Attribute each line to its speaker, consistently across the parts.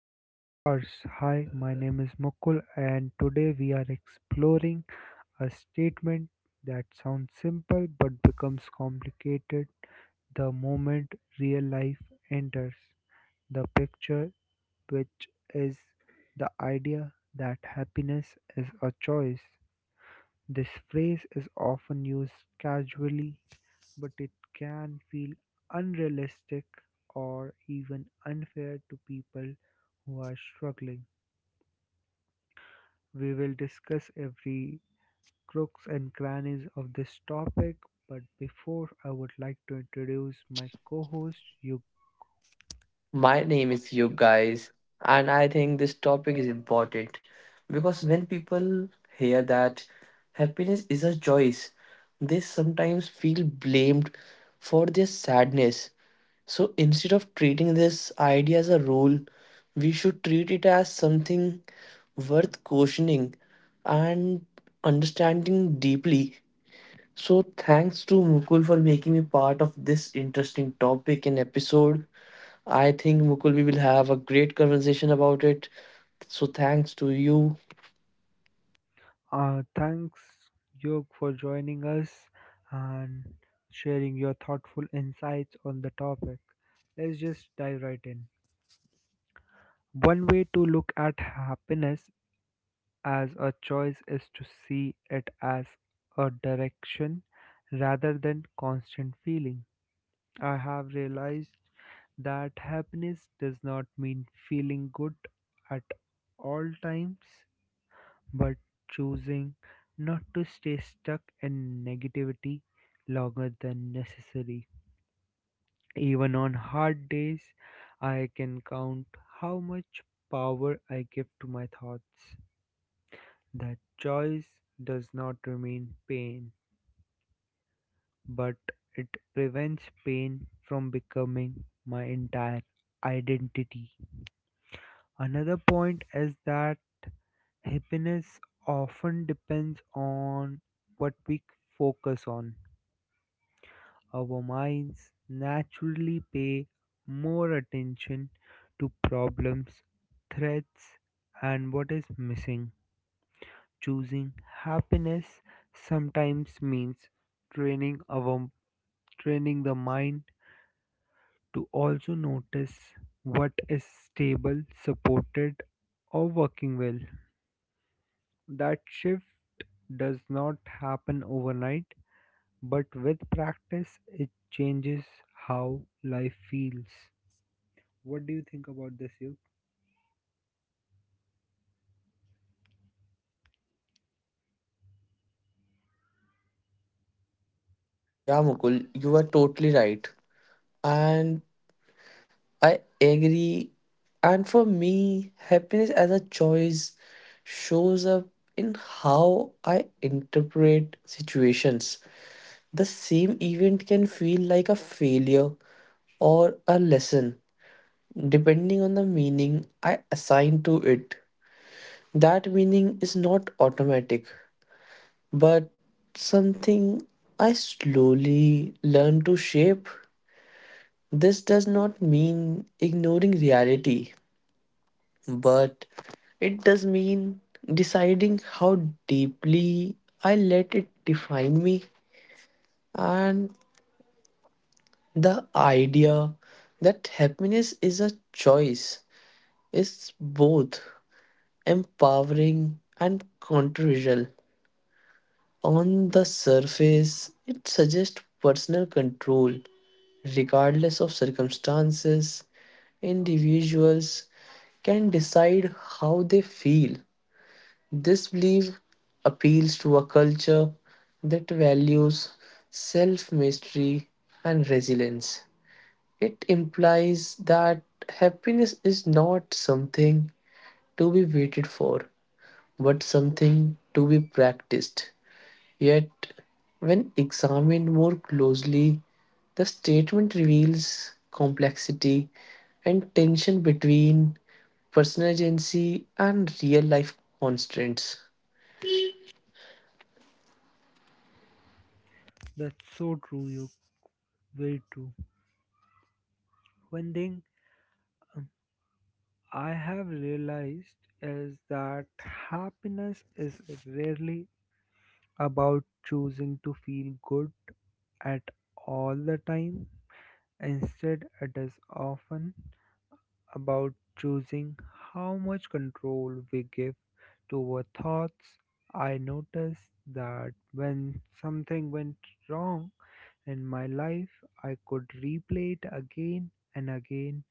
Speaker 1: to Office Hours. Hi, my name is Mukul, and today we are exploring a statement that sounds simple but becomes complicated the moment real life enters the picture, which is the idea that happiness is a choice. This phrase is often used casually but it can feel unrealistic or even unfair to people who are struggling. We will discuss every crooks and crannies of this topic, but before I would like to introduce my co-host Yug.
Speaker 2: My name is Yug, guys, and I think this topic is important because when people hear that happiness is a choice, they sometimes feel blamed for their sadness. So instead of treating this idea as a rule, we should treat it as something worth questioning and understanding deeply. So thanks to Mukul for making me part of this interesting topic and episode. I think Mukul we will have a great conversation about it. So thanks to you.
Speaker 1: Thanks Yug for joining us and sharing your thoughtful insights on the topic. Let's just dive right in. One way to look at happiness as a choice is to see it as a direction rather than constant feeling. I have realized that happiness does not mean feeling good at all times, but choosing not to stay stuck in negativity longer than necessary. Even on hard days, I can count how much power I give to my thoughts. That choice does not remain pain, but it prevents pain from becoming my entire identity. Another point is that happiness often depends on what we focus on. Our minds naturally pay more attention to problems, threats, and what is missing. Choosing happiness sometimes means training our training the mind to also notice what is stable, supported or working well. That shift does not happen overnight, but with practice it changes how life feels. What do you think about this, Yug?
Speaker 2: Yeah, Mukul, you are totally right. And I agree. And for me, happiness as a choice shows up in how I interpret situations. The same event can feel like a failure or a lesson, depending on the meaning I assign to it. That meaning is not automatic, but something I slowly learn to shape. This does not mean ignoring reality, but it does mean deciding how deeply I let it define me. And the idea that happiness is a choice is both empowering and controversial. On the surface, it suggests personal control. Regardless of circumstances, individuals can decide how they feel. This belief appeals to a culture that values self mastery and resilience. It implies that happiness is not something to be waited for, but something to be practiced. Yet, when examined more closely, the statement reveals complexity and tension between personal agency and real life constraints.
Speaker 1: That's so true, Yug. Very true. One thing um, I have realized is that happiness is rarely about choosing to feel good at all the time. Instead, it is often about choosing how much control we give to our thoughts. I noticed that when something went wrong in my life, I could replay it again and again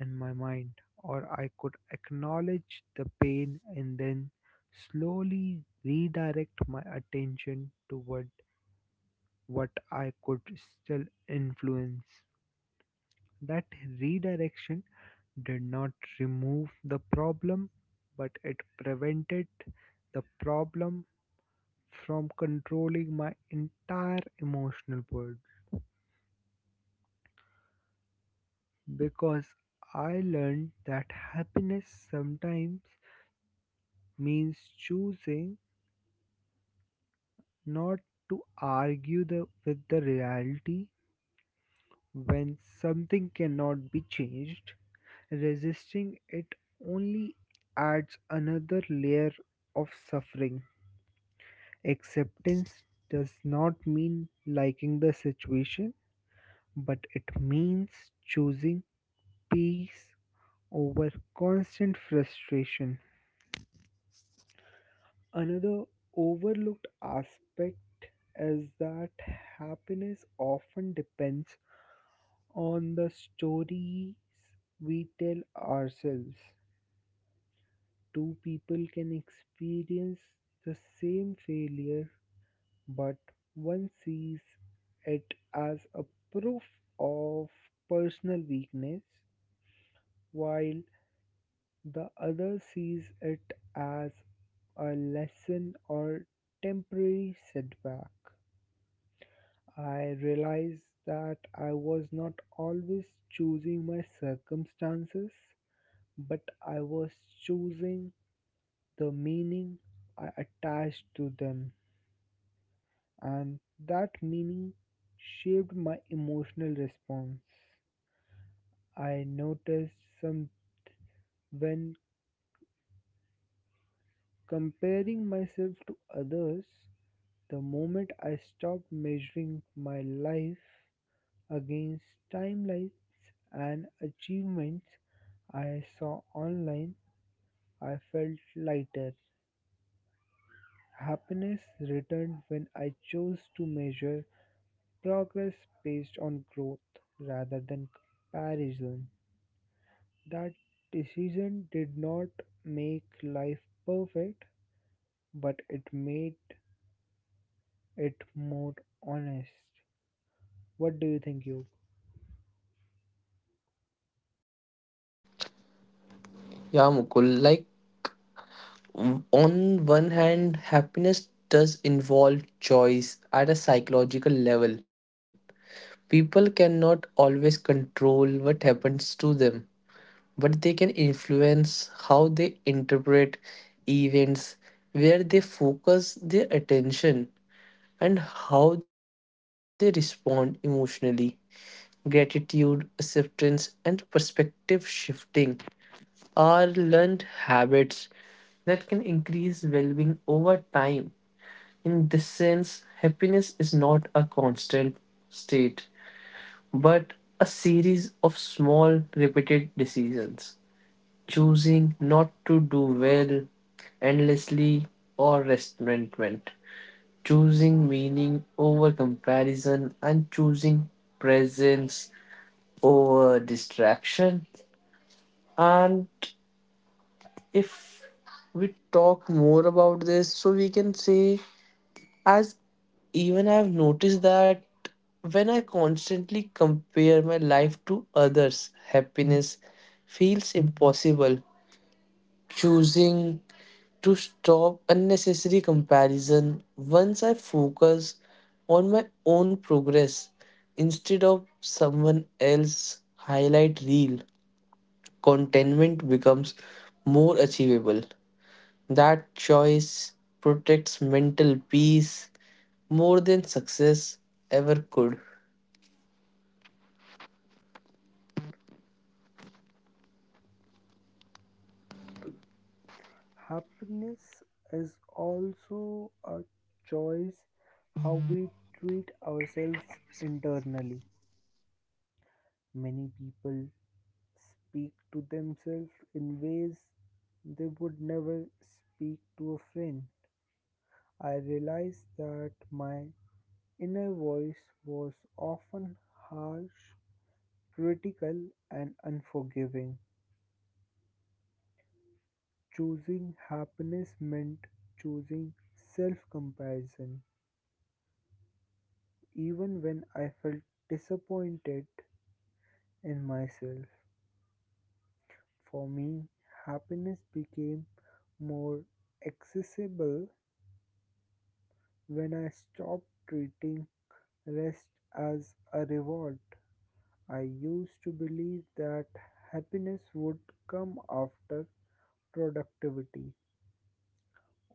Speaker 1: in my mind, or I could acknowledge the pain and then slowly redirect my attention toward what I could still influence. That redirection did not remove the problem, but it prevented the problem from controlling my entire emotional world because I learned that happiness sometimes means choosing not to with the reality when something cannot be changed. Resisting it only adds another layer of suffering. Acceptance does not mean liking the situation, but it means choosing peace over constant frustration. Another overlooked aspect is that happiness often depends on the stories we tell ourselves. Two people can experience the same failure, but one sees it as a proof of personal weakness, while the other sees it as a lesson or temporary setback. I realized that I was not always choosing my circumstances, but I was choosing the meaning I attached to them, and that meaning shaped my emotional response. I noticed some when comparing myself to others, the moment I stopped measuring my life against timelines and achievements I saw online, I felt lighter. Happiness returned when I chose to measure progress based on growth rather than comparison. That decision did not make life perfect, but it made it more honest. What do you think, Yog?
Speaker 2: Yeah, Mukul, like on one hand, happiness does involve choice at a psychological level. People cannot always control what happens to them, but they can influence how they interpret events, where they focus their attention, and how they respond emotionally. Gratitude, acceptance, and perspective shifting are learned habits that can increase well being over time. In this sense, happiness is not a constant state, but a series of small, repeated decisions: choosing not to do well endlessly or resentment, choosing meaning over comparison, and choosing presence over distraction. And if we talk more about this, so we can say, as even I've noticed that when I constantly compare my life to others, happiness feels impossible. Choosing to stop unnecessary comparison once I focus on my own progress instead of someone else's highlight reel. Contentment becomes more achievable. That choice protects mental peace more than success ever could.
Speaker 1: Happiness is also a choice how we treat ourselves internally. Many people speak to themselves in ways they would never speak to a friend. I realized that my inner voice was often harsh, critical, and unforgiving. Choosing happiness meant choosing self comparison, even when I felt disappointed in myself. For me, happiness became more accessible when I stopped treating rest as a reward. I used to believe that happiness would come after productivity.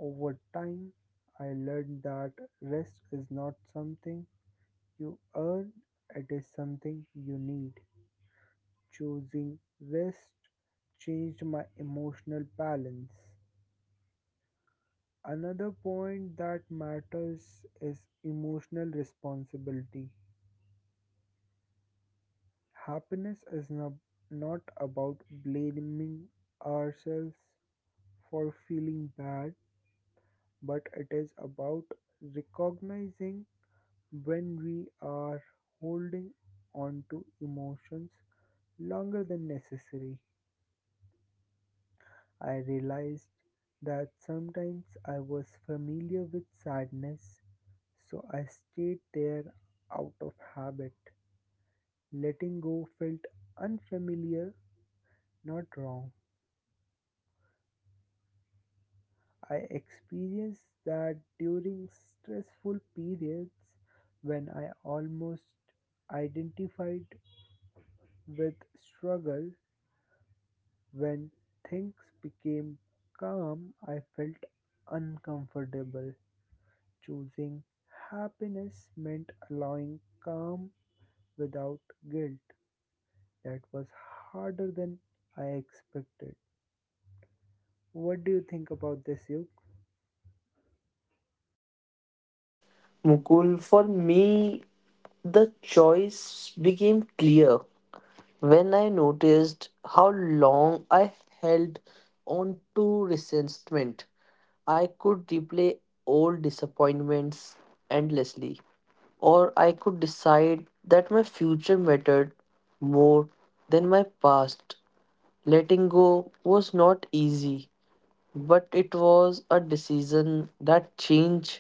Speaker 1: Over time, I learned that rest is not something you earn, it is something you need. Choosing rest changed my emotional balance. Another point that matters is emotional responsibility. Happiness is not about blaming ourselves for feeling bad, but it is about recognizing when we are holding on to emotions longer than necessary. I realized that sometimes I was familiar with sadness, so I stayed there out of habit. Letting go felt unfamiliar, not wrong. I experienced that during stressful periods when I almost identified with struggle. When things became calm, I felt uncomfortable. Choosing happiness meant allowing calm without guilt. That was harder than I expected. What do you think about this, Yuk?
Speaker 2: Mukul, for me, the choice became clear when I noticed how long I held on to resentment. I could replay old disappointments endlessly, or I could decide that my future mattered more than my past. Letting go was not easy, but it was a decision that changed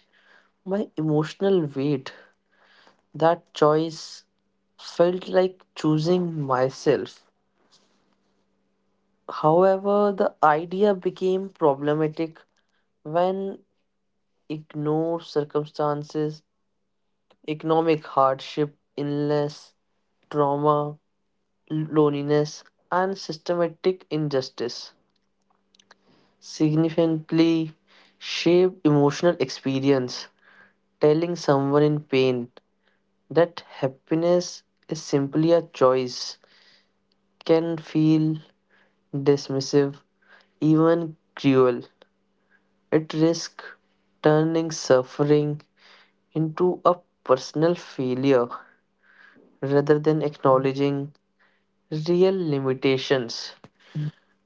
Speaker 2: my emotional weight. That choice felt like choosing myself. However, the idea became problematic when ignored circumstances, economic hardship, illness, trauma, loneliness, and systematic injustice significantly shape emotional experience. Telling someone in pain that happiness is simply a choice can feel dismissive, even cruel. It risks turning suffering into a personal failure rather than acknowledging real limitations.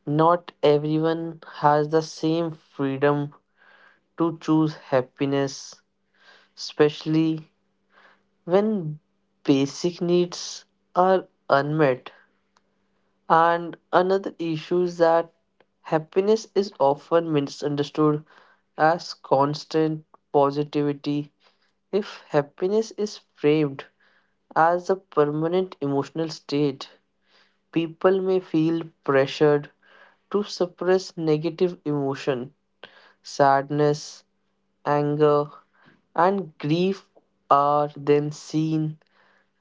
Speaker 2: Not everyone has the same freedom to choose happiness, especially when basic needs are unmet. And another issue is that happiness is often misunderstood as constant positivity. If happiness is framed as a permanent emotional state, people may feel pressured to suppress negative emotion. Sadness, anger, and grief are then seen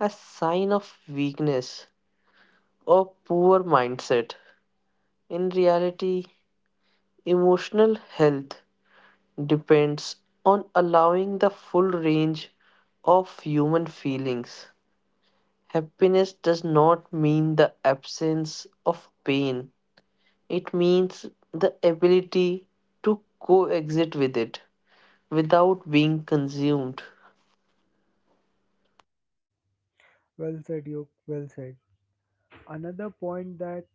Speaker 2: as sign of weakness or poor mindset. In reality, emotional health depends on allowing the full range of human feelings. Happiness does not mean the absence of pain, it means the ability to coexist with it without being consumed.
Speaker 1: Well said, Yuk. Well said. Another point that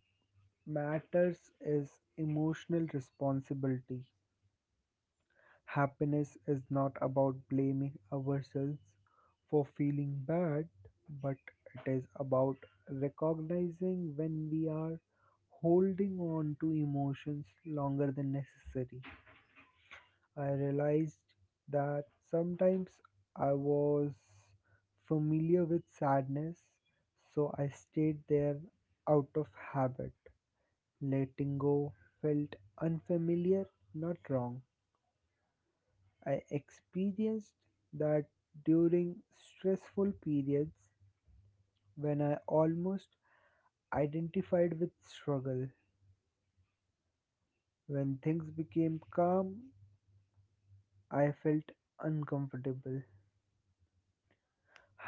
Speaker 1: matters is emotional responsibility. Happiness is not about blaming ourselves for feeling bad, but it is about recognizing when we are holding on to emotions longer than necessary. I realized that sometimes I was familiar with sadness, so I stayed there out of habit. Letting go felt unfamiliar, not wrong. I experienced that during stressful periods when I almost identified with struggle. When things became calm, I felt uncomfortable.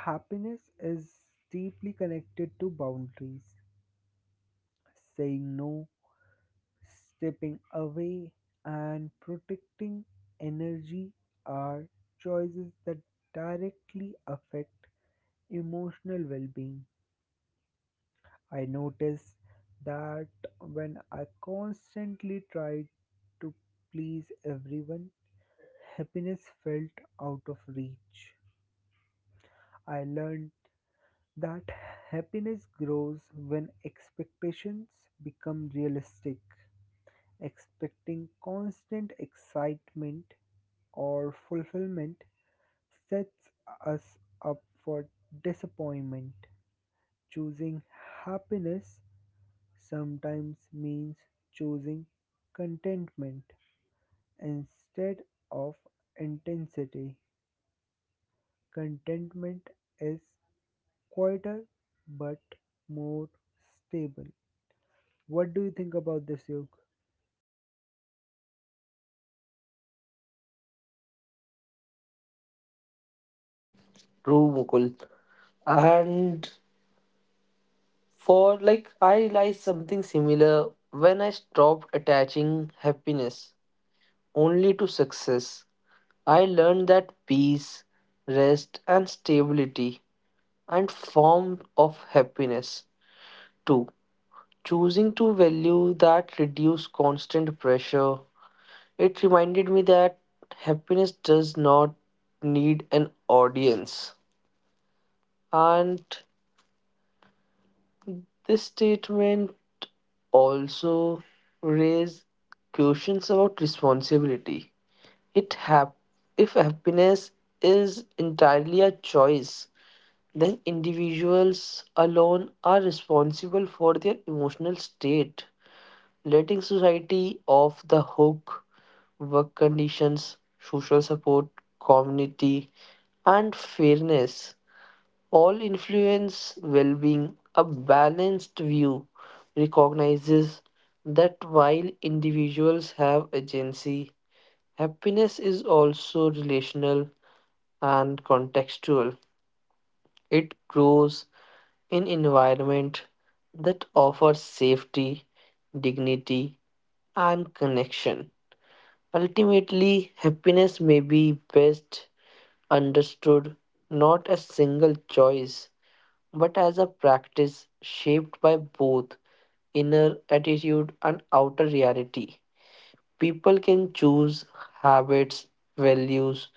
Speaker 1: Happiness is deeply connected to boundaries. Saying no, stepping away, and protecting energy are choices that directly affect emotional well-being. I notice that when I constantly tried to please everyone, happiness felt out of reach. I learned that happiness grows when expectations become realistic. Expecting constant excitement or fulfillment sets us up for disappointment. Choosing happiness sometimes means choosing contentment instead of intensity. Contentment is quieter but more stable. What do you think about this, Yog?
Speaker 2: True, Mukul. And for like, I realized something similar when I stopped attaching happiness only to success. I learned that peace, rest, and stability and form of happiness too, choosing to value that reduce constant pressure. It reminded me that happiness does not need an audience. And this statement also raise questions about responsibility. It hap- if happiness is entirely a choice, then individuals alone are responsible for their emotional state, letting society off the hook. Work conditions, social support, community, and fairness all influence well being. A balanced view recognizes that while individuals have agency, happiness is also relational and contextual. It grows in environment that offers safety, dignity, and connection. Ultimately, happiness may be best understood not as single choice, but as a practice shaped by both inner attitude and outer reality. People can choose habits, values,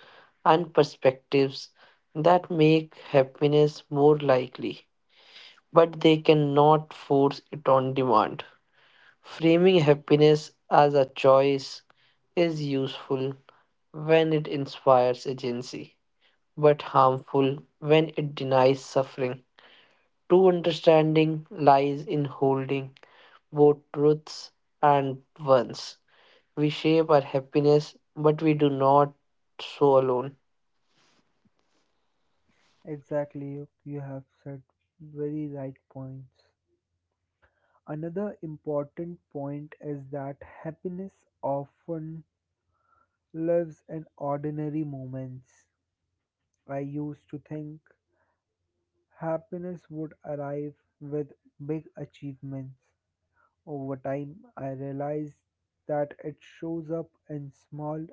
Speaker 2: and perspectives that make happiness more likely, but they cannot force it on demand. Framing happiness as a choice is useful when it inspires agency, but harmful when it denies suffering. True understanding lies in holding both truths and ones. We shape our happiness, but we do not so alone.
Speaker 1: Exactly, Yog. You have said very right points. Another important point is that happiness often lives in ordinary moments. I used to think happiness would arrive with big achievements. Over time, I realized that it shows up in small,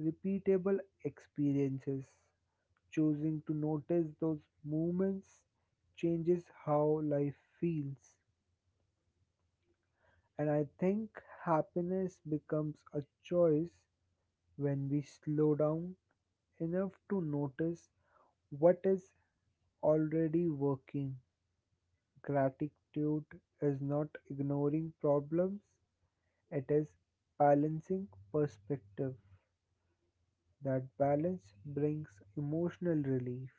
Speaker 1: repeatable experiences. Choosing to notice those moments changes how life feels. And I think happiness becomes a choice when we slow down enough to notice what is already working. Gratitude is not ignoring problems, it is balancing perspective. That balance brings emotional relief.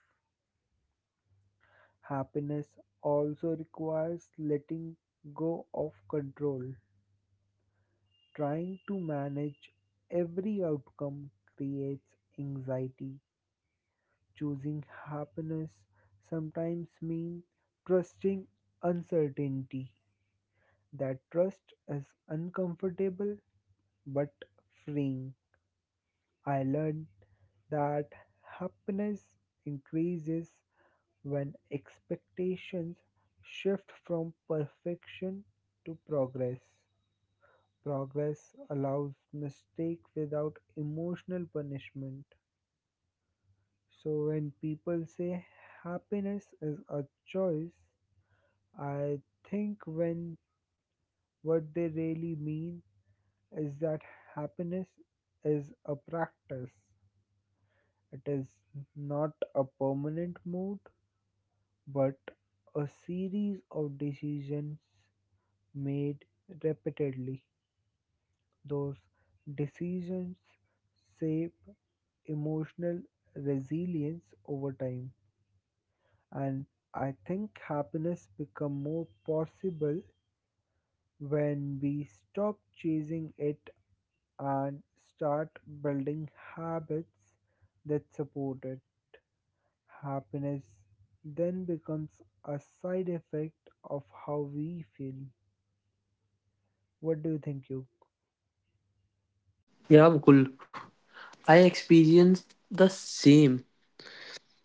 Speaker 1: Happiness also requires letting go of control. Trying to manage every outcome creates anxiety. Choosing happiness sometimes means trusting uncertainty. That trust is uncomfortable but freeing. I learned that happiness increases when expectations shift from perfection to progress. Progress allows mistake without emotional punishment. So when people say happiness is a choice, I think when what they really mean is that happiness is a practice. It is not a permanent mood, but a series of decisions made repeatedly. Those decisions shape emotional resilience over time. And I think happiness become more possible when we stop chasing it and start building habits that support it. Happiness then becomes a side effect of how we feel. What do you think, You?
Speaker 2: Yeah, Mukul. I experienced the same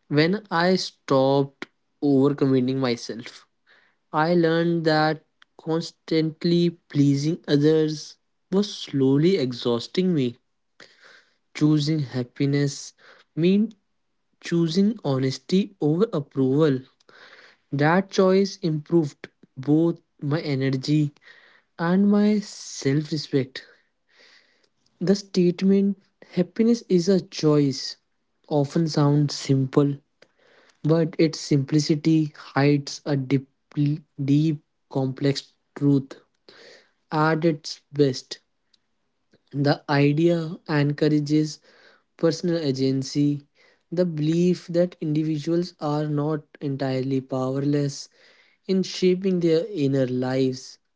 Speaker 2: when I stopped overcommitting myself. I learned that constantly pleasing others was slowly exhausting me. Choosing happiness means choosing honesty over approval. That choice improved both my energy and my self respect. The statement happiness is a choice often sounds simple, but its simplicity hides a deep, complex truth. At its best, the idea encourages personal agency, the belief that individuals are not entirely powerless in shaping their inner lives.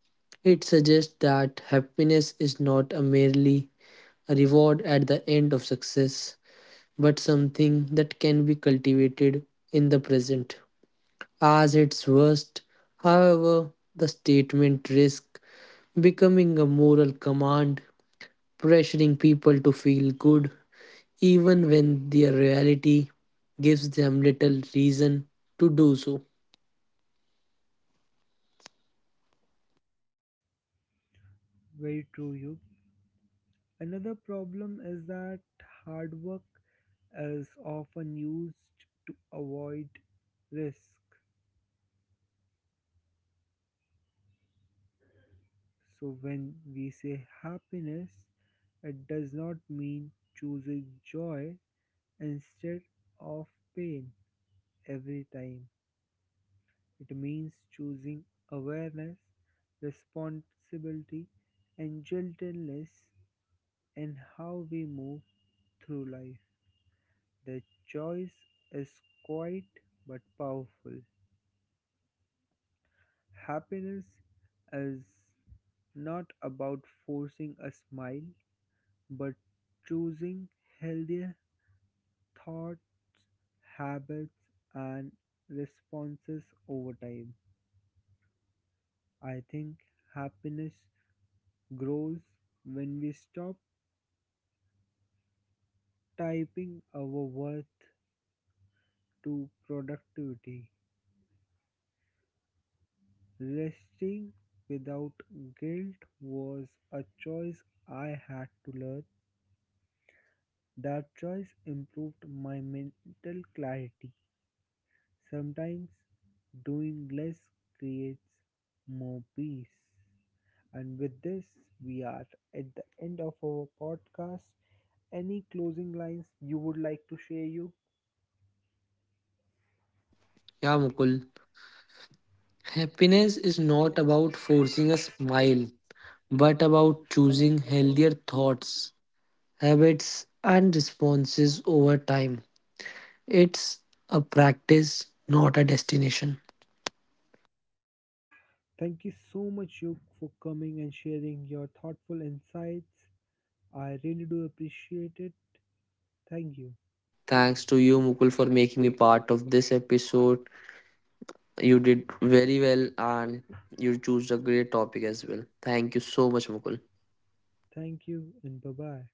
Speaker 2: It suggests that happiness is not a merely a reward at the end of success, but something that can be cultivated in the present. As its worst, however, the statement risks becoming a moral command pressuring people to feel good even when their reality gives them little reason to do so.
Speaker 1: Very true, You. Another problem is that hard work is often used to avoid risk. So, when we say happiness, it does not mean choosing joy instead of pain every time. It means choosing awareness, responsibility, and gentleness in how we move through life. The choice is quiet but powerful. Happiness is not about forcing a smile, but choosing healthier thought, habits, and responses over time. I think happiness grows when we stop typing our worth to productivity. Resting without guilt was a choice I had to learn. That choice improved my mental clarity. Sometimes doing less creates more peace. And with this, we are at the end of our podcast. Any closing lines you would like to share you?
Speaker 2: Yeah, Mukul. Happiness is not about forcing a smile, but about choosing healthier thoughts, habits, and responses over time. It's a practice, not a destination.
Speaker 1: Thank you so much, Yug, for coming and sharing your thoughtful insights. I really do appreciate it. Thank you.
Speaker 2: Thanks to you, Mukul, for making me part of this episode. You did very well and you choose a great topic as well. Thank you so much, Mukul.
Speaker 1: Thank you, and bye bye.